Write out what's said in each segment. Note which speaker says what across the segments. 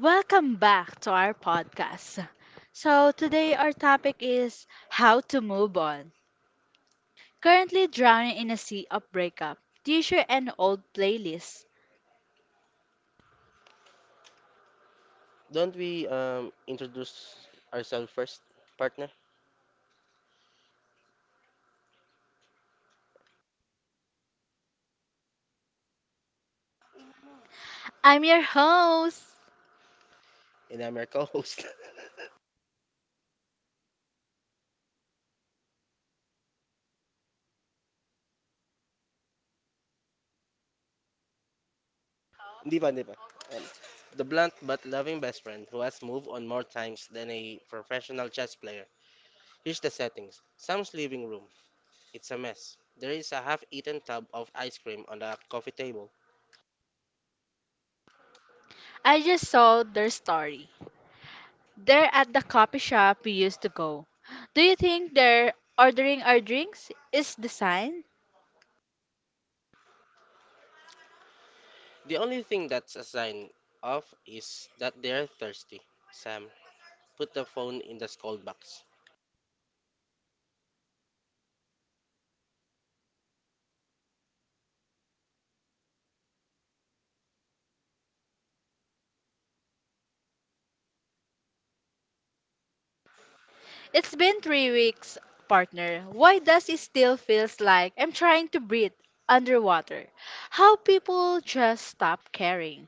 Speaker 1: Welcome back to our podcast. So, today our topic is how to move on. Currently drowning in a sea of breakup. T-shirt and old playlist.
Speaker 2: Don't we introduce ourselves first, partner?
Speaker 1: I'm your host.
Speaker 2: And I'm your co-host. Hindi ba, hindi ba? Um, the blunt but loving best friend who has moved on more times than a professional chess player. Here's the settings. Sam's living room. It's a mess. There is a half-eaten tub of ice cream on the coffee table.
Speaker 1: I just saw their story. They're at the coffee shop we used to go. Do you think they're ordering our drinks is the sign?
Speaker 2: The only thing that's a sign of is that they're thirsty. Sam, put the phone in the scold box.
Speaker 1: It's been 3 weeks, partner. Why does it still feels like I'm trying to breathe underwater? How people just stop caring.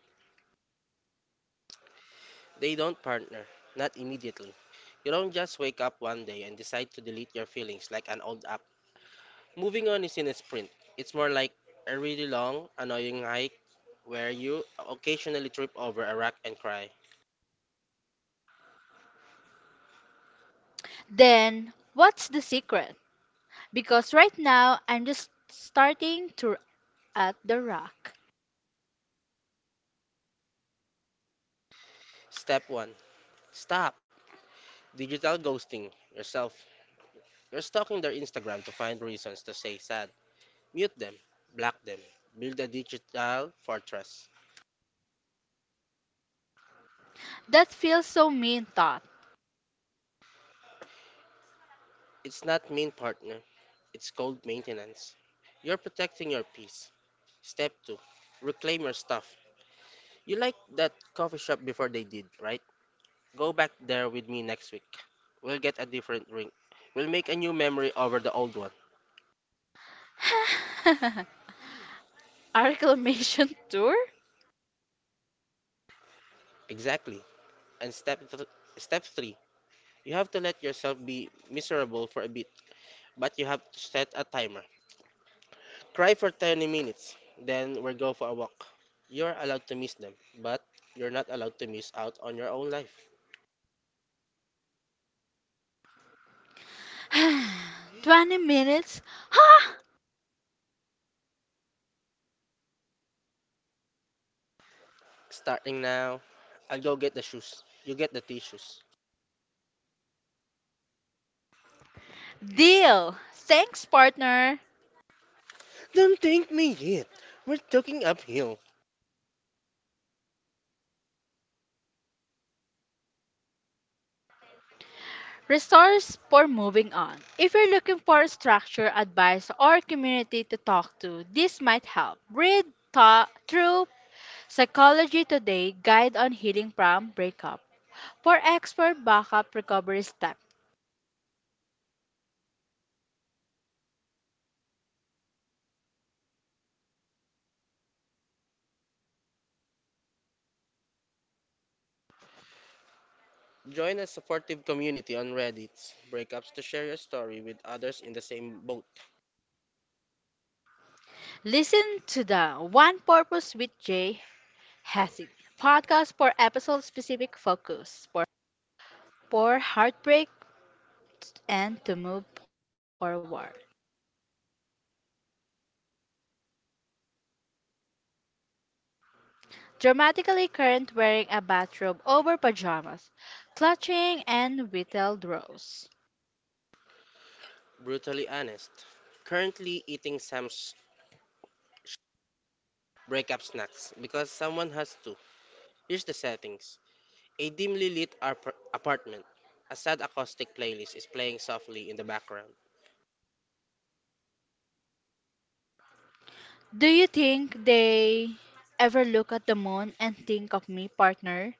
Speaker 2: They don't partner, not immediately. You don't just wake up one day and decide to delete your feelings like an old app. Moving on isn't a sprint, it's more like a really long, annoying hike where you occasionally trip over a rock and cry.
Speaker 1: Then, what's the secret? Because right now, I'm just starting to at the rock.
Speaker 2: Step 1. Stop digital ghosting yourself. You're stalking their Instagram to find reasons to say sad. Mute them, block them, build a digital fortress.
Speaker 1: That feels so mean thought.
Speaker 2: It's not mean partner, it's cold maintenance. You're protecting your peace. Step two, reclaim your stuff. You like that coffee shop before they did, right? Go back there with me next week. We'll get a different drink. We'll make a new memory over the old one.
Speaker 1: A reclamation tour?
Speaker 2: Exactly. And step three, you have to let yourself be miserable for a bit, but you have to set a timer. Cry for 30 minutes, then we'll go for a walk. You're allowed to miss them, but you're not allowed to miss out on your own life.
Speaker 1: 20 minutes?
Speaker 2: Starting now, I'll go get the shoes. You get the tissues.
Speaker 1: Deal! Thanks, partner.
Speaker 2: Don't thank me yet. We're talking uphill.
Speaker 1: Resource for moving on. If you're looking for a structure, advice, or community to talk to, this might help. Read through Psychology Today Guide on Healing from Breakup for expert backup recovery steps.
Speaker 2: Join a supportive community on Reddit, breakups to share your story with others in the same boat.
Speaker 1: Listen to the One Purpose with Jay Hessing podcast for episode specific focus for heartbreak and to move forward. Dramatically current wearing a bathrobe over pajamas, clutching an whittled rose.
Speaker 2: Brutally honest. Currently eating Sam's sh- breakup snacks because someone has to. Here's the settings. A dimly lit apartment. A sad acoustic playlist is playing softly in the background.
Speaker 1: Do you think they ever look at the moon and think of me, partner?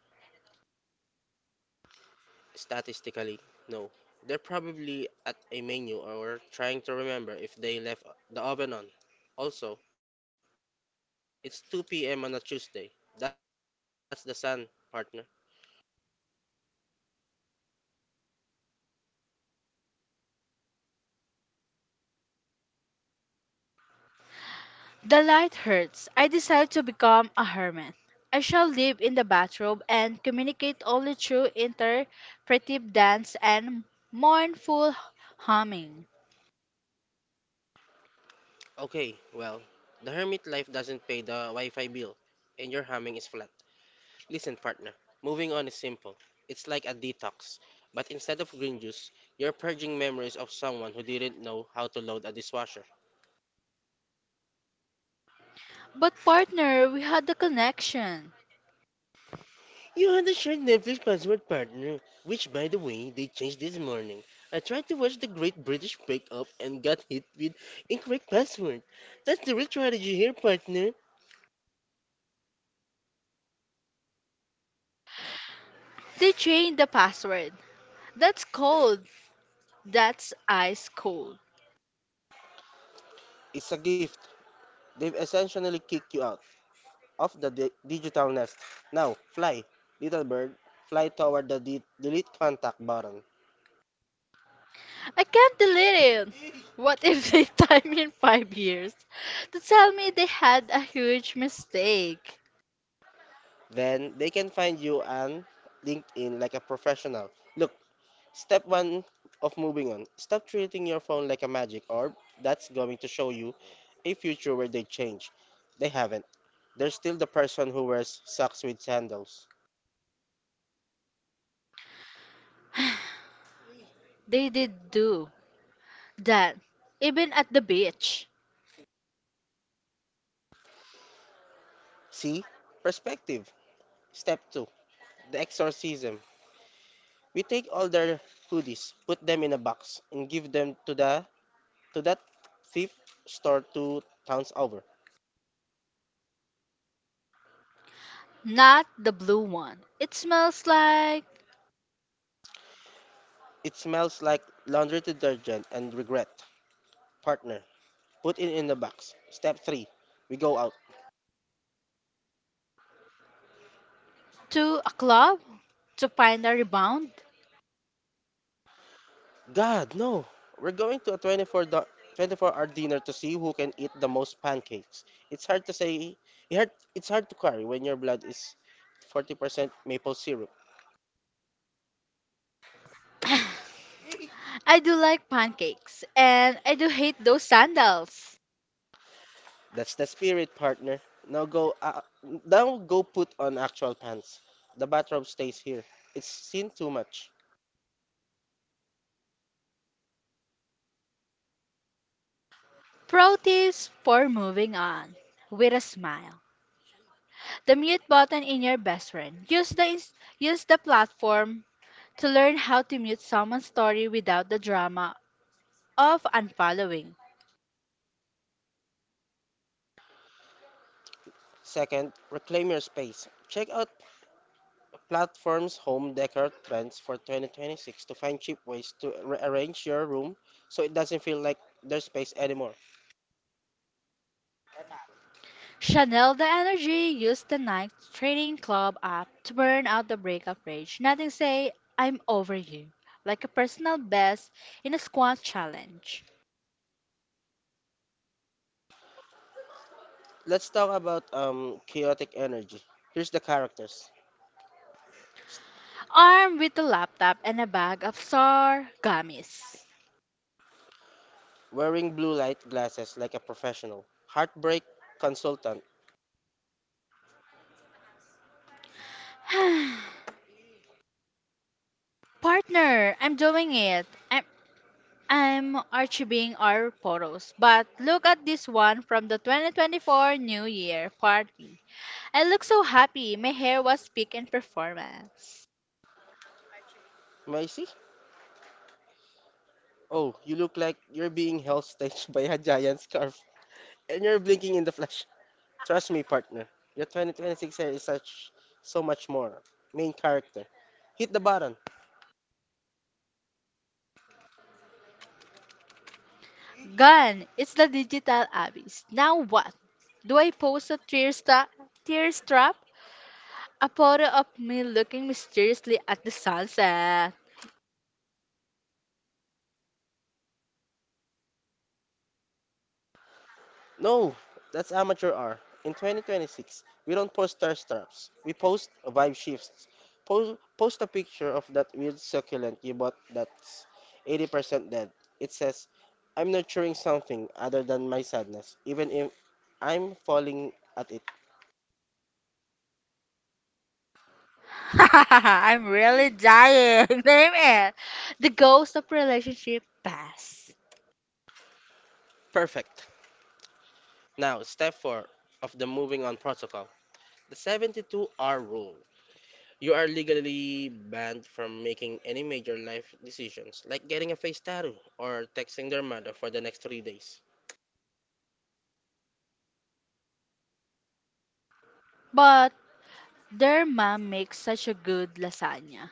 Speaker 2: Statistically, no. They're probably at a menu or trying to remember if they left the oven on. Also, it's 2 p.m. on a Tuesday. That's the sun, partner.
Speaker 1: The light hurts. I decide to become a hermit. I shall live in the bathrobe and communicate only through interpretive dance and mournful humming.
Speaker 2: Okay, well, the hermit life doesn't pay the Wi Fi bill, and your humming is flat. Listen, partner, moving on is simple. It's like a detox, but instead of green juice, you're purging memories of someone who didn't know how to load a dishwasher.
Speaker 1: But partner, we had the connection.
Speaker 2: You had a shared Netflix password partner, which by the way, they changed this morning. I tried to watch the Great British Bake Off and got hit with incorrect password. That's the real tragedy here, partner.
Speaker 1: They changed the password. That's cold. That's ice cold.
Speaker 2: It's a gift. They've essentially kicked you out of the digital nest. Now, fly, little bird, fly toward the delete contact button.
Speaker 1: I can't delete it. What if they time in 5 years to tell me they had a huge mistake?
Speaker 2: Then they can find you on LinkedIn like a professional. Look, Step one of moving on stop treating your phone like a magic orb that's going to show you a future where they change. They haven't. They're still the person who wears socks with sandals.
Speaker 1: They did do that, even at the beach.
Speaker 2: See? Perspective. Step 2. The exorcism. We take all their hoodies, put them in a box, and give them to the to that thrift store two towns over.
Speaker 1: Not the blue one. It smells like
Speaker 2: It smells like laundry detergent and regret. Partner. Put it in the box. Step 3. We go out.
Speaker 1: to a club to find a rebound.
Speaker 2: God, no. We're going to a 24-hour dinner to see who can eat the most pancakes. It's hard to say, it's hard to carry when your blood is 40% maple syrup.
Speaker 1: I do like pancakes and I do hate those sandals.
Speaker 2: That's the spirit, partner. Now go put on actual pants. The bathrobe stays here. It's seen too much.
Speaker 1: Pro tips for moving on with a smile. The mute button in your best friend. Use the platform to learn how to mute someone's story without the drama of unfollowing.
Speaker 2: Second, reclaim your space. Check out platforms home decor trends for 2026 to find cheap ways to rearrange your room so it doesn't feel like their space anymore.
Speaker 1: Chanel the Energy used the night training club app to burn out the breakup rage. Nothing say, I'm over you, like a personal best in a squat challenge.
Speaker 2: Let's talk about chaotic energy. Here's the characters.
Speaker 1: Armed with a laptop and a bag of sour gummies.
Speaker 2: Wearing blue light glasses like a professional. Heartbreak consultant.
Speaker 1: Partner, I'm doing it. I'm archiving our photos, but look at this one from the 2024 New Year party. I look so happy. My hair was peak in performance.
Speaker 2: Macy? Oh, you look like you're being held staged by a giant scarf. And you're blinking in the flash. Trust me, partner. Your 2026 hair is such so much more. Main character. Hit the button.
Speaker 1: Gone. It's the digital abyss. Now what? Do I post a tear strap? A photo of me looking mysteriously at the sunset.
Speaker 2: No, that's amateur hour. In 2026, we don't post star straps. We post vibe shifts. Post a picture of that weird succulent you bought that's 80% dead. It says, I'm nurturing something other than my sadness, even if I'm falling at it.
Speaker 1: I'm really dying. Name it. The ghost of relationship past.
Speaker 2: Perfect. Now, step 4 of the moving on protocol the 72-hour rule. You are legally banned from making any major life decisions, like getting a face tattoo or texting their mother for the next 3 days.
Speaker 1: But their mom makes such a good lasagna.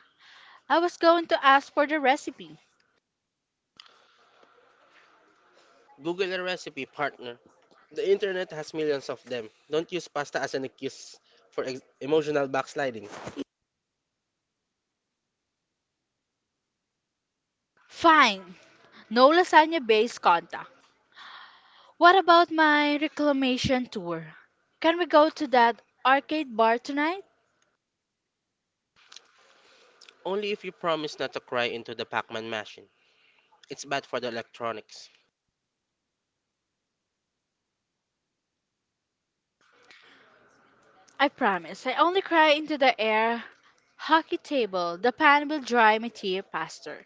Speaker 1: I was going to ask for the recipe.
Speaker 2: Google a recipe, partner. The internet has millions of them. Don't use pasta as an excuse for emotional backsliding.
Speaker 1: Fine. No lasagna based contact. What about my reclamation tour? Can we go to that arcade bar tonight?
Speaker 2: Only if you promise not to cry into the Pac Man machine. It's bad for the electronics.
Speaker 1: I promise. I only cry into the air hockey table. The pan will dry my tear faster.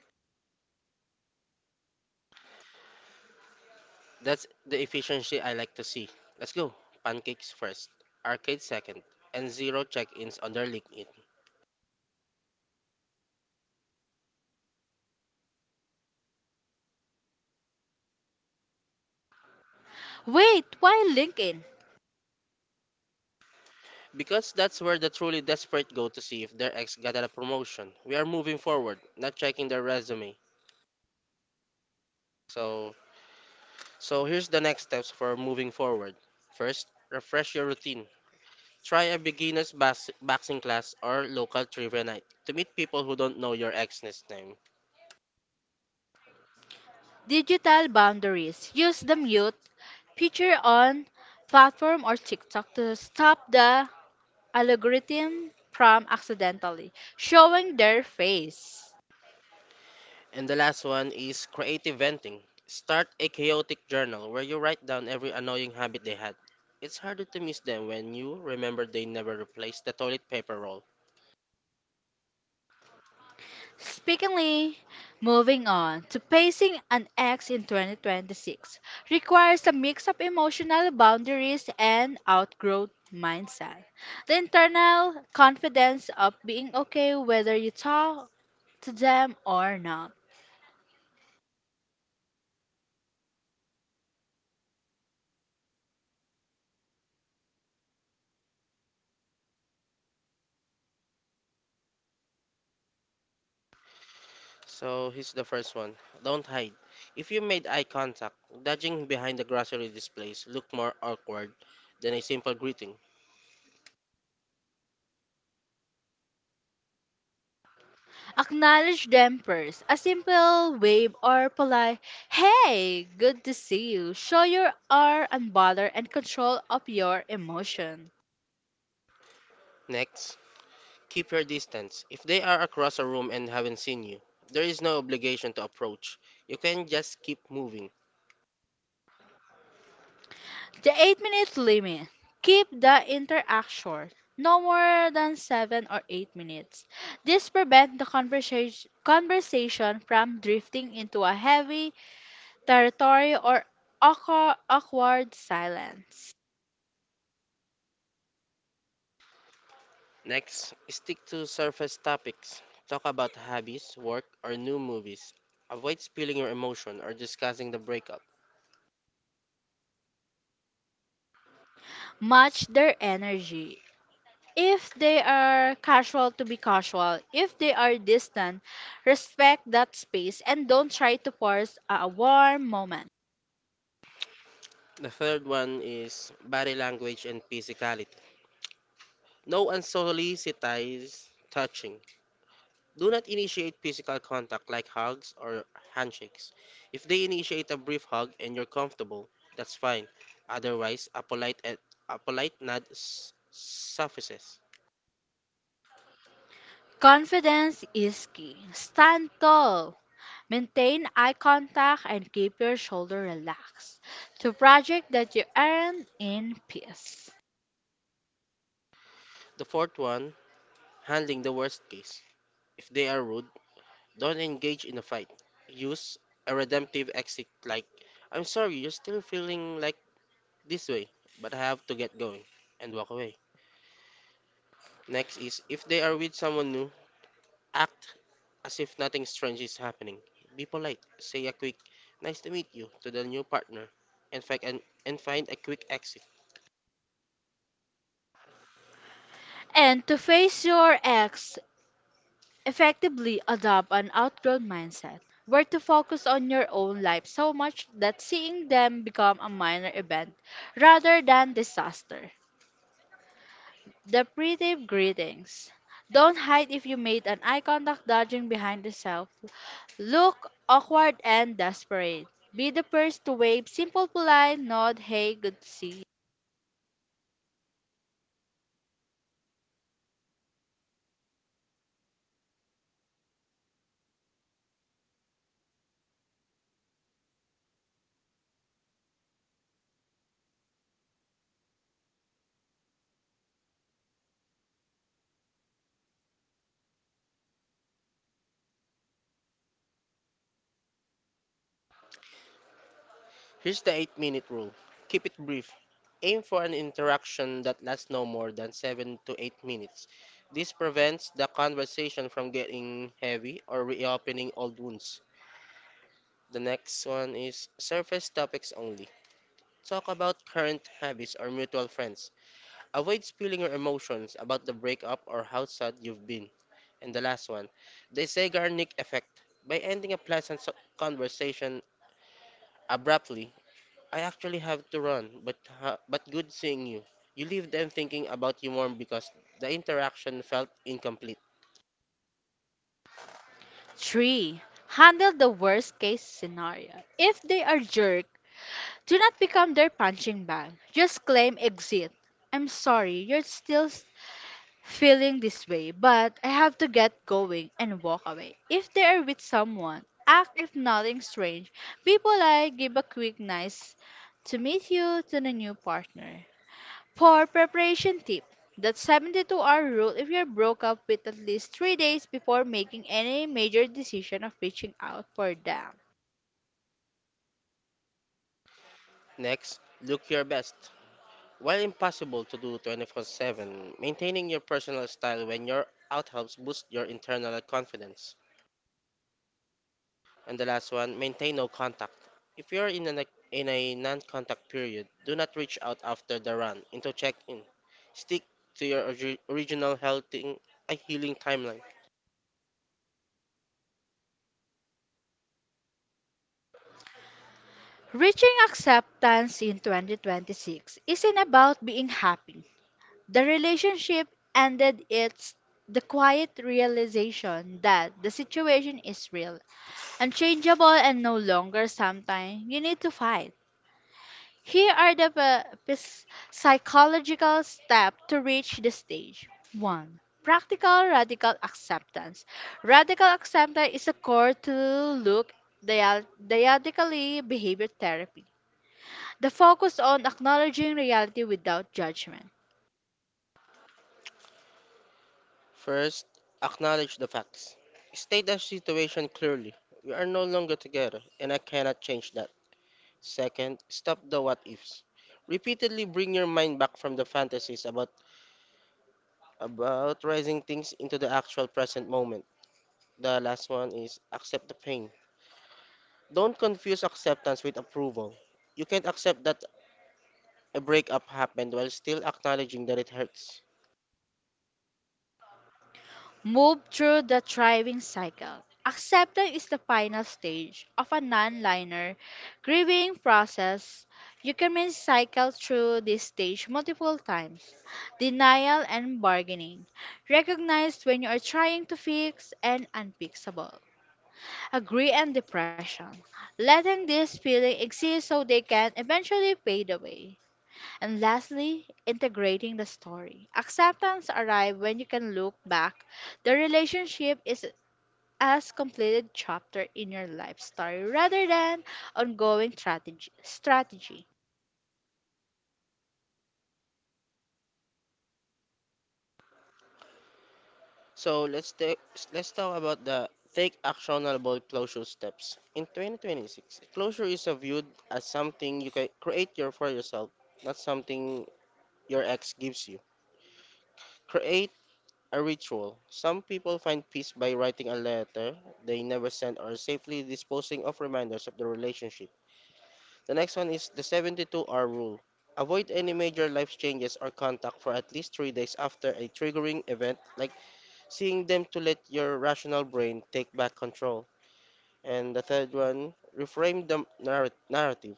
Speaker 2: That's the efficiency I like to see. Let's go. Pancakes first, arcade second, and zero check ins on their LinkedIn.
Speaker 1: Wait, why LinkedIn?
Speaker 2: Because that's where the truly desperate go to see if their ex got a promotion. We are moving forward, not checking their resume. So, so here's the next steps for moving forward. First, refresh your routine. Try a beginner's boxing class or local trivia night to meet people who don't know your ex's name.
Speaker 1: Digital boundaries. Use the mute feature on platform or TikTok to stop the algorithm from accidentally showing their face.
Speaker 2: And the last one is creative venting. Start a chaotic journal where you write down every annoying habit they had. It's harder to miss them when you remember they never replaced the toilet paper roll.
Speaker 1: Speakingly, moving on to pacing an ex in 2026 requires a mix of emotional boundaries and outgrowth mindset. The internal confidence of being okay whether you talk to them or not.
Speaker 2: So here's the first one. Don't hide. If you made eye contact, dodging behind the grocery displays look more awkward than a simple greeting.
Speaker 1: Acknowledge them first. A simple wave or polite, hey, good to see you. Show you are unbothered and control of your emotion.
Speaker 2: Next, keep your distance. If they are across a room and haven't seen you, there is no obligation to approach. You can just keep moving.
Speaker 1: The 8 minute limit. Keep the interaction no more than 7 or 8 minutes. This prevents the conversation from drifting into a heavy territory or awkward silence.
Speaker 2: Next, stick to surface topics. Talk about hobbies, work, or new movies. Avoid spilling your emotion or discussing the breakup.
Speaker 1: Match their energy. If they are casual to be casual, if they are distant, respect that space and don't try to force a warm moment.
Speaker 2: The third one is body language and physicality. No unsolicited touching. Do not initiate physical contact like hugs or handshakes. If they initiate a brief hug and you're comfortable, that's fine. Otherwise, a polite nod suffices.
Speaker 1: Confidence is key. Stand tall. Maintain eye contact and keep your shoulder relaxed to project that you earn in peace.
Speaker 2: The fourth one, handling the worst case. If they are rude, don't engage in a fight. Use a redemptive exit like, I'm sorry, you're still feeling like this way, but I have to get going, and walk away. Next is if they are with someone new. Act as if nothing strange is happening. Be polite. Say a quick nice to meet you to the new partner and and find a quick exit.
Speaker 1: And to face your ex, effectively adopt an outgrown mindset. Where to focus on your own life so much that seeing them become a minor event rather than disaster. The pretty greetings. Don't hide if you made an eye contact dodging behind the cell. Look awkward and desperate. Be the first to wave simple polite nod, hey, good to see you.
Speaker 2: Here's the 8-minute rule. Keep it brief. Aim for an interaction that lasts no more than 7 to 8 minutes. This prevents the conversation from getting heavy or reopening old wounds. The next one is surface topics only. Talk about current habits or mutual friends. Avoid spilling your emotions about the breakup or how sad you've been. And the last one, the Zeigarnik effect. By ending a pleasant conversation abruptly, I actually have to run, but good seeing you. You leave them thinking about you more because the interaction felt incomplete.
Speaker 1: 3. Handle the worst case scenario. If they are jerk, do not become their punching bag. Just claim exit. I'm sorry, you're still feeling this way, but I have to get going and walk away. If they are with someone, act if nothing strange. Be polite, give a quick nice to meet you to the new partner. For preparation tip, that 72-hour rule if you're broke up with at least 3 days before making any major decision of reaching out for them.
Speaker 2: Next, look your best. While impossible to do 24/7, maintaining your personal style when you're out helps boost your internal confidence. And the last one, maintain no contact. If you're in a non-contact period, do not reach out after the run into check-in. Stick to your original healing timeline.
Speaker 1: Reaching acceptance in 2026 isn't about being happy. The relationship ended its the quiet realization that the situation is real, unchangeable and no longer something you need to fight. Here are the psychological steps to reach this stage. 1. Practical radical acceptance. Radical acceptance is a core to look diadically behavior therapy. The focus on acknowledging reality without judgment.
Speaker 2: First, acknowledge the facts. State the situation clearly. We are no longer together, and I cannot change that. Second, stop the what ifs. Repeatedly bring your mind back from the fantasies about rising things into the actual present moment. The last one is accept the pain. Don't confuse acceptance with approval. You can't accept that a breakup happened while still acknowledging that it hurts.
Speaker 1: Move through the thriving cycle. Acceptance is the final stage of a non-linear grieving process. You can may cycle through this stage multiple times. Denial and bargaining. Recognize when you are trying to fix and unfixable. Agree and depression. Letting this feeling exist so they can eventually fade away. And lastly, integrating the story. Acceptance arrives when you can look back. The relationship is as completed chapter in your life story rather than ongoing strategy.
Speaker 2: So let's talk about the take actionable closure steps. In 2026, closure is viewed as something you can create your for yourself, not something your ex gives you. Create a ritual. Some people find peace by writing a letter they never sent or safely disposing of reminders of the relationship. The next one is the 72-hour rule. Avoid any major life changes or contact for at least 3 days after a triggering event, like seeing them to let your rational brain take back control. And the third one, reframe the narrative.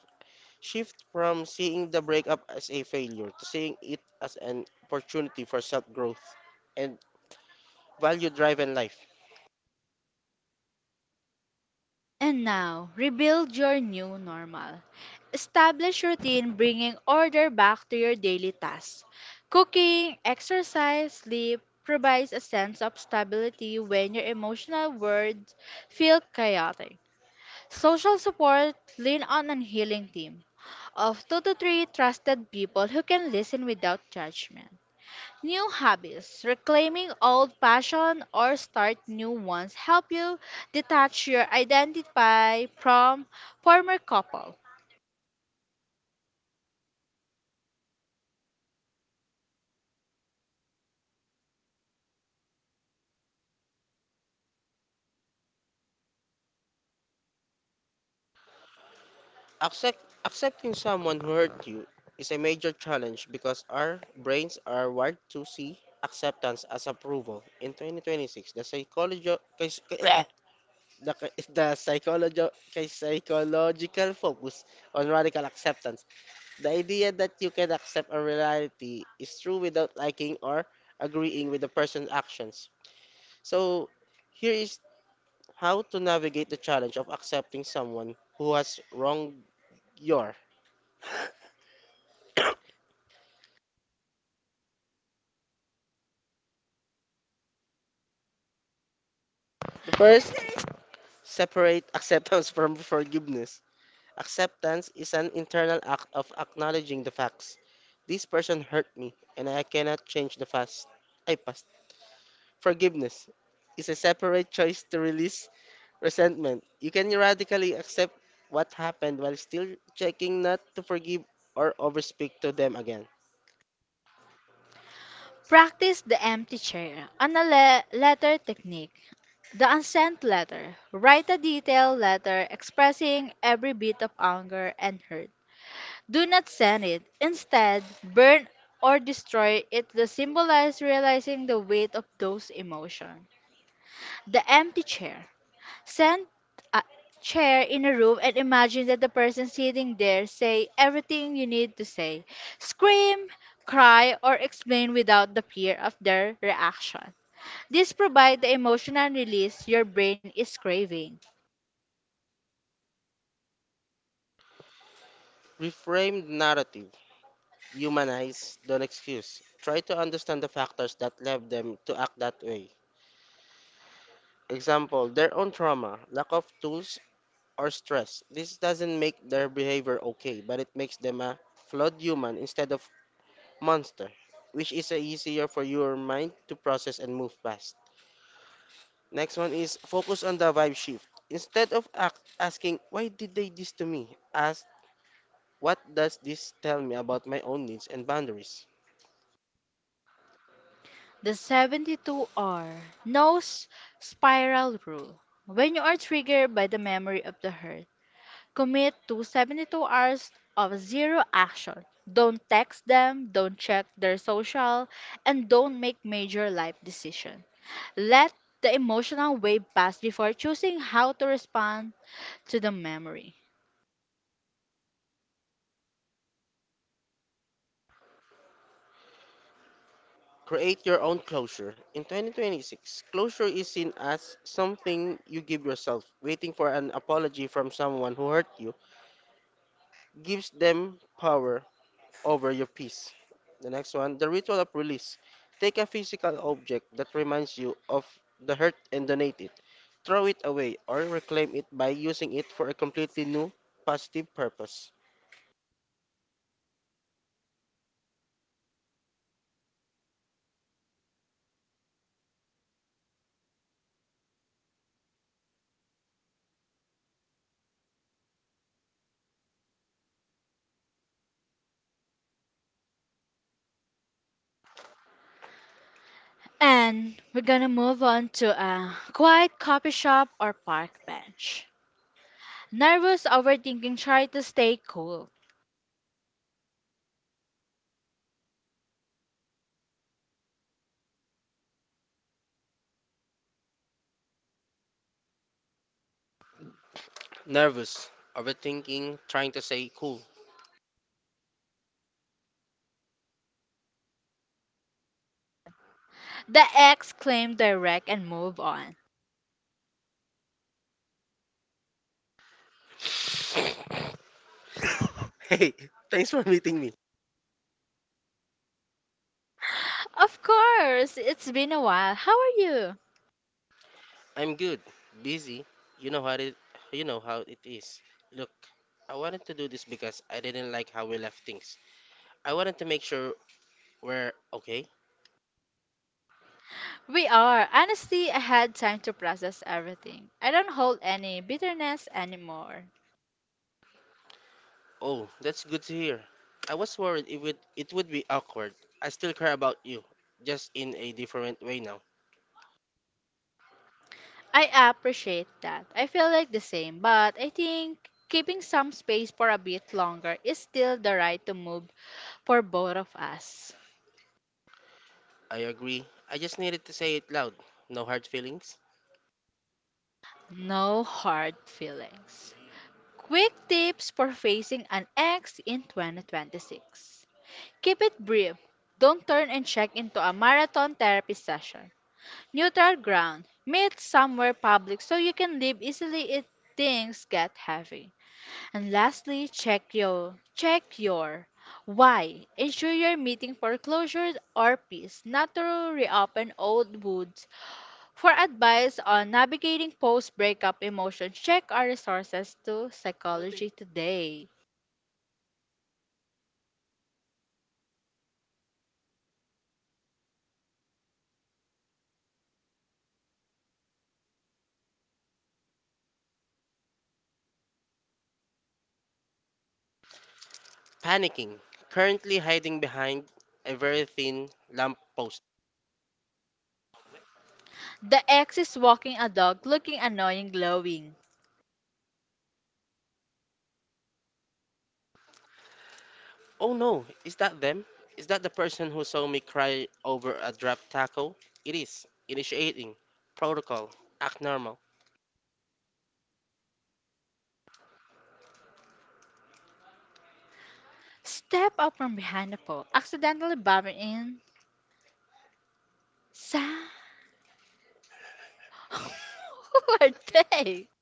Speaker 2: Shift from seeing the breakup as a failure to seeing it as an opportunity for self growth and value driven life.
Speaker 1: And now, rebuild your new normal. Establish routine bringing order back to your daily tasks. Cooking, exercise, sleep provides a sense of stability when your emotional world feel chaotic. Social support lean on a healing team of two to three trusted people who can listen without judgment. New hobbies, reclaiming old passion or start new ones help you detach your identity from former couple.
Speaker 2: Accept, accepting someone who hurt you is a major challenge because our brains are wired to see acceptance as approval. In 2026, the the, k- the psychology, kais- psychological focus on radical acceptance, the idea that you can accept a reality is true without liking or agreeing with the person's actions. So, here is how to navigate the challenge of accepting someone who has wronged your. First, separate acceptance from forgiveness. Acceptance is an internal act of acknowledging the facts. This person hurt me and I cannot change the past. I past. Forgiveness is a separate choice to release resentment. You can radically accept what happened while still checking not to forgive or overspeak to them again.
Speaker 1: Practice the empty chair, an letter technique, the unsent letter. Write a detailed letter expressing every bit of anger and hurt. Do not send it. Instead, burn or destroy it to symbolize realizing the weight of those emotions. The empty chair. Send a chair in a room and imagine that the person sitting there say everything you need to say. Scream, cry, or explain without the fear of their reaction. This provides the emotional release your brain is craving.
Speaker 2: Reframe the narrative. Humanize, don't excuse. Try to understand the factors that led them to act that way. Example, their own trauma, lack of tools, or stress. This doesn't make their behavior okay, but it makes them a flawed human instead of monster, which is a easier for your mind to process and move past. Next one is focus on the vibe shift. Instead of act asking, why did they this to me? Ask, what does this tell me about my own needs and boundaries?
Speaker 1: The 72R nose spiral rule. When you are triggered by the memory of the hurt, commit to 72 hours of zero action. Don't text them, don't check their social, and don't make major life decisions. Let the emotional wave pass before choosing how to respond to the memory.
Speaker 2: Create your own closure. In 2026, closure is seen as something you give yourself. Waiting for an apology from someone who hurt you gives them power over your peace. The next one, the ritual of release. Take a physical object that reminds you of the hurt and donate it. Throw it away or reclaim it by using it for a completely new, positive purpose.
Speaker 1: And we're gonna move on to a quiet coffee shop or park bench. Nervous overthinking, try to stay cool.
Speaker 2: Nervous, overthinking, trying to say cool.
Speaker 1: The ex claimed direct and move on.
Speaker 2: Hey, thanks for meeting me.
Speaker 1: Of course, it's been a while. How are you?
Speaker 2: I'm good, busy. You know how it, you know how it is. Look, I wanted to do this because I didn't like how we left things. I wanted to make sure we're okay.
Speaker 1: We are. Honestly, I had time to process everything. I don't hold any bitterness anymore.
Speaker 2: Oh, that's good to hear. I was worried it would be awkward. I still care about you, just in a different way now.
Speaker 1: I appreciate that. I feel like the same, but I think keeping some space for a bit longer is still the right to move for both of us.
Speaker 2: I agree. I just needed to say it loud. No hard feelings.
Speaker 1: No hard feelings. Quick tips for facing an ex in 2026. Keep it brief. Don't turn and check into a marathon therapy session. Neutral ground. Meet somewhere public so you can leave easily if things get heavy. And lastly, check your why. Ensure you're meeting for closure or peace, not to reopen old wounds. For advice on navigating post-breakup emotions, check our resources to Psychology Today.
Speaker 2: Panicking. Currently hiding behind a very thin lamppost.
Speaker 1: The ex is walking a dog looking annoying glowing.
Speaker 2: Oh no, is that them? Is that the person who saw me cry over a dropped taco? It is. Initiating. Protocol. Act normal.
Speaker 1: Step out from behind a pole, accidentally bumping in Sam. Who are they?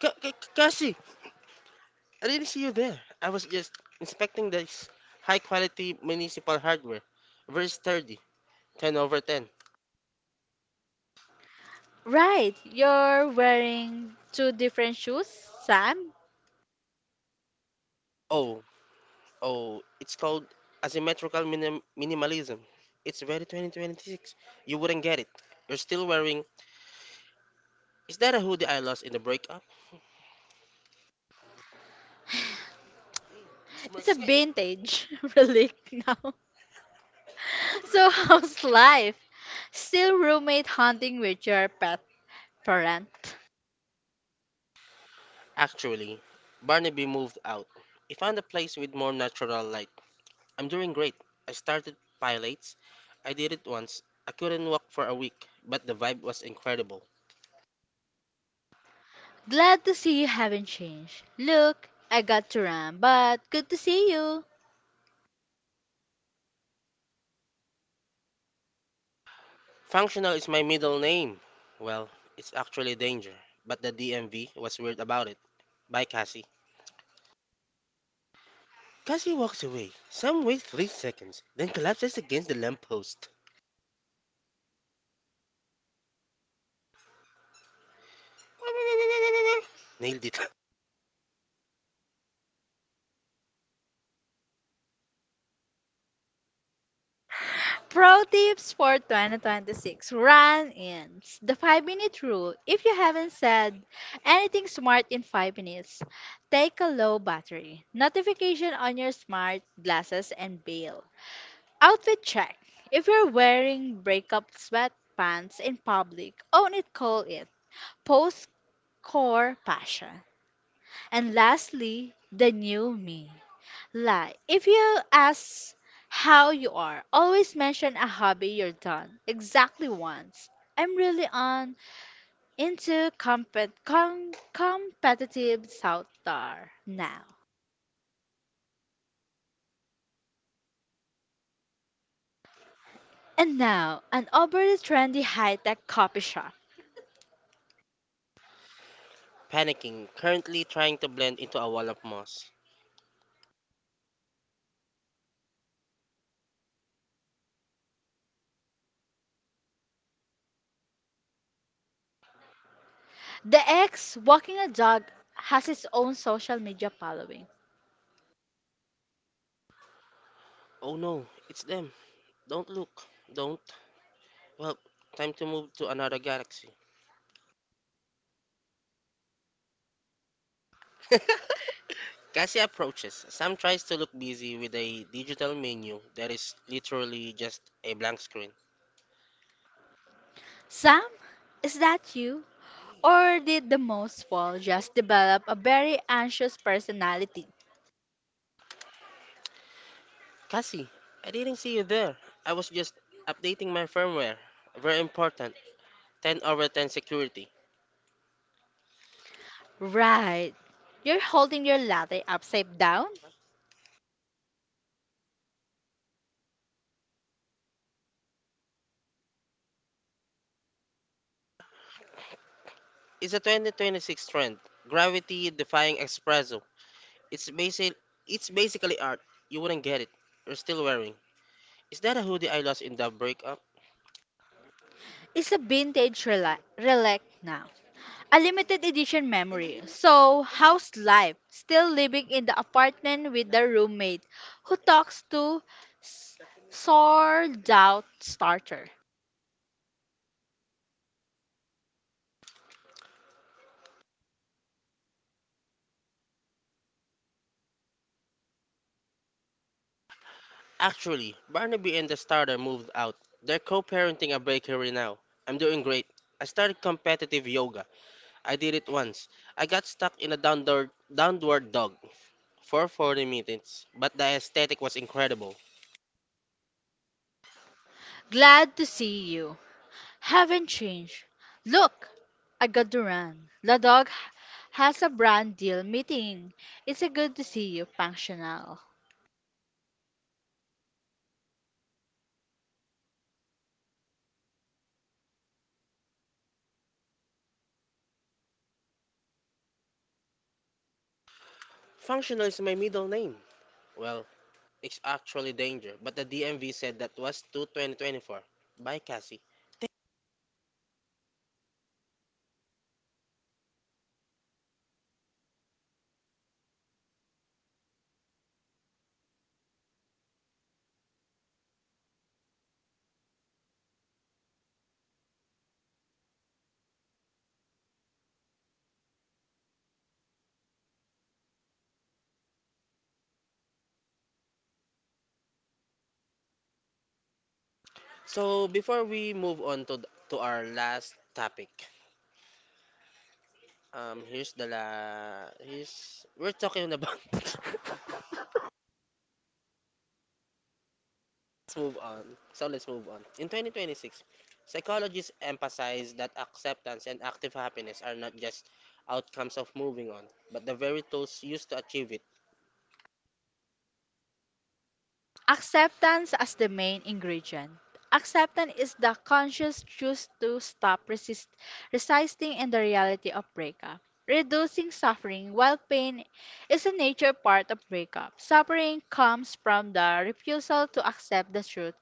Speaker 2: Kasi, I didn't see you there. I was just inspecting this high quality municipal hardware. Very sturdy. 10 over 10.
Speaker 1: Right, you're wearing two different shoes, Sam.
Speaker 2: Oh, oh, it's called asymmetrical minimalism. It's very 2026. You wouldn't get it. You're still wearing. Is that a hoodie I lost in the breakup?
Speaker 1: It's a vintage relic now. So how's life? Still roommate hunting with your pet parent.
Speaker 2: Actually, Barnaby moved out. He found a place with more natural light. I'm doing great. I started pilates. I did it once. I couldn't walk for a week, but the vibe was incredible.
Speaker 1: Glad to see you haven't changed. Look, I got to run, but good to see you.
Speaker 2: Functional is my middle name. Well, it's actually danger, but the DMV was weird about it. Bye, Cassie. Cassie walks away. Sam waits 3 seconds, then collapses against the lamppost. Nailed it.
Speaker 1: Pro tips for 2026 run ins. The 5-minute rule. If you haven't said anything smart in 5 minutes, take a low battery notification on your smart glasses and bail. Outfit check. If you're wearing breakup sweatpants in public, own it, call it. Post core passion. And lastly, the new me. Lie. If you ask how you are, always mention a hobby you're done. Exactly once. I'm really on into competitive software now. And now, an overly trendy high-tech coffee shop.
Speaker 2: Panicking, currently trying to blend into a wall of moss.
Speaker 1: The ex walking a dog has its own social media following.
Speaker 2: Oh no, it's them. Don't look. Don't. Well, time to move to another galaxy. Cassia approaches. Sam tries to look busy with a digital menu that is literally just a blank screen.
Speaker 1: Sam, is that you? Or did the most fall just develop a very anxious personality?
Speaker 2: Cassie, I didn't see you there. I was just updating my firmware. Very important. 10 over 10 security.
Speaker 1: Right. You're holding your latte upside down.
Speaker 2: It's a 2026 trend. Gravity defying espresso. It's basic it's basically art. You wouldn't get it. You're still wearing. Is that a hoodie I lost in the breakup?
Speaker 1: It's a relic now. A limited edition memory. So, how's life? Still living in the apartment with the roommate who talks to s- sold out starter.
Speaker 2: Actually, Barnaby and the starter moved out. They're co-parenting a bakery now. I'm doing great. I started competitive yoga. I did it once. I got stuck in a downward dog for 40 minutes, but the aesthetic was incredible.
Speaker 1: Glad to see you. Haven't changed. Look, I got to run. The dog has a brand deal meeting. It's a good to see you, functional.
Speaker 2: Functional is my middle name. Well, it's actually danger, but the DMV said that was to 2024. Bye, Cassie. So, before we move on to to our last topic, here's the la here's we're talking about. Let's move on. In 2026, psychologists emphasize that acceptance and active happiness are not just outcomes of moving on, but the very tools used to achieve it.
Speaker 1: Acceptance as the main ingredient. Acceptance is the conscious choice to resisting in the reality of breakup. Reducing suffering, while pain is a nature part of breakup, suffering comes from the refusal to accept the truth.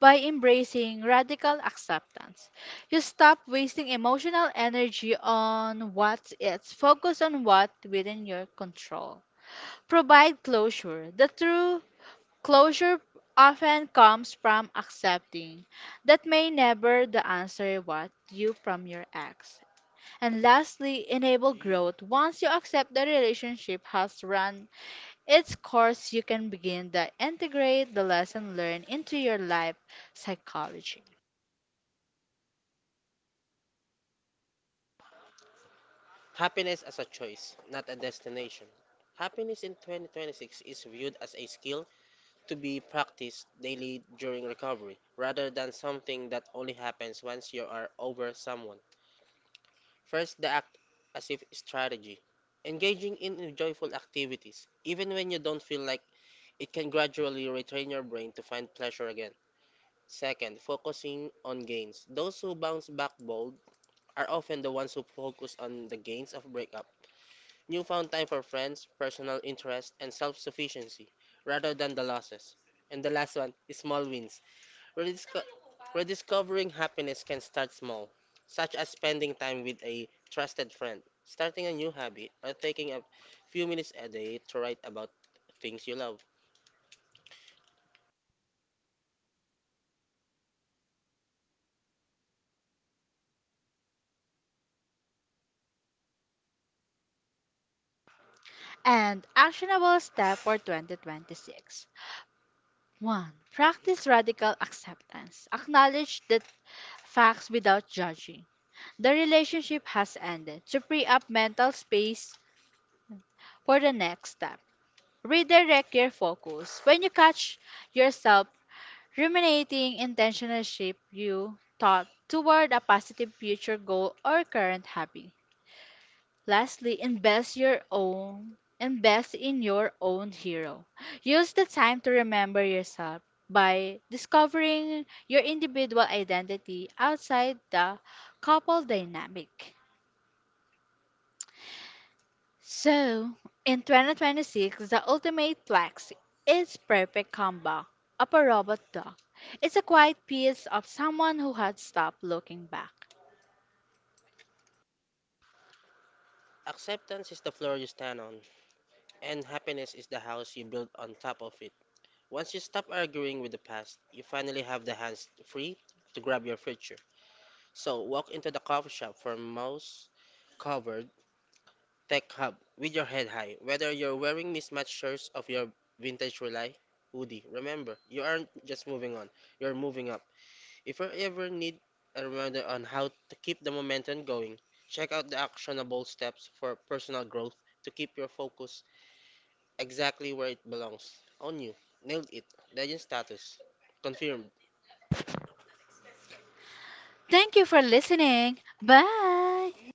Speaker 1: By embracing radical acceptance, you stop wasting emotional energy on what's it, focus on what within your control. Provide closure. The true closure often comes from accepting that may never the answer what you from your ex. And lastly, enable growth. Once you accept the relationship has run its course, you can begin to integrate the lesson learned into your life psychology.
Speaker 2: Happiness as a choice, not a destination. Happiness in 2026 is viewed as a skill to be practiced daily during recovery, rather than something that only happens once you are over someone. First, the act as if strategy. Engaging in joyful activities, even when you don't feel like It can gradually retrain your brain to find pleasure again. Second, focusing on gains. Those who bounce back bold are often the ones who focus on the gains of breakup, newfound time for friends, personal interest, and self sufficiency, rather than the losses. And the last one is small wins. Redisco- rediscovering happiness can start small, such as spending time with a trusted friend, starting a new hobby, or taking a few minutes a day to write about things you love.
Speaker 1: And actionable step for 2026. 1. Practice radical acceptance. Acknowledge the facts without judging. The relationship has ended. To free up mental space for the next step, redirect your focus. When you catch yourself ruminating intentional shape you thought toward a positive future goal or current hobby. Lastly, invest in your own hero. Use the time to remember yourself by discovering your individual identity outside the couple dynamic. So, in 2026, the ultimate flex is perfect combo of a robot dog. It's a quiet piece of someone who had stopped looking back.
Speaker 2: Acceptance is the floor you stand on, and happiness is the house you build on top of it. Once you stop arguing with the past, you finally have the hands free to grab your future. So, walk into the coffee shop for most covered tech hub with your head high. Whether you're wearing mismatched shirts of your vintage relay, hoodie, remember, you aren't just moving on, you're moving up. If you ever need a reminder on how to keep the momentum going, check out the actionable steps for personal growth to keep your focus exactly where it belongs. On you. Nailed it. Legend status. Confirmed.
Speaker 1: Thank you for listening. Bye.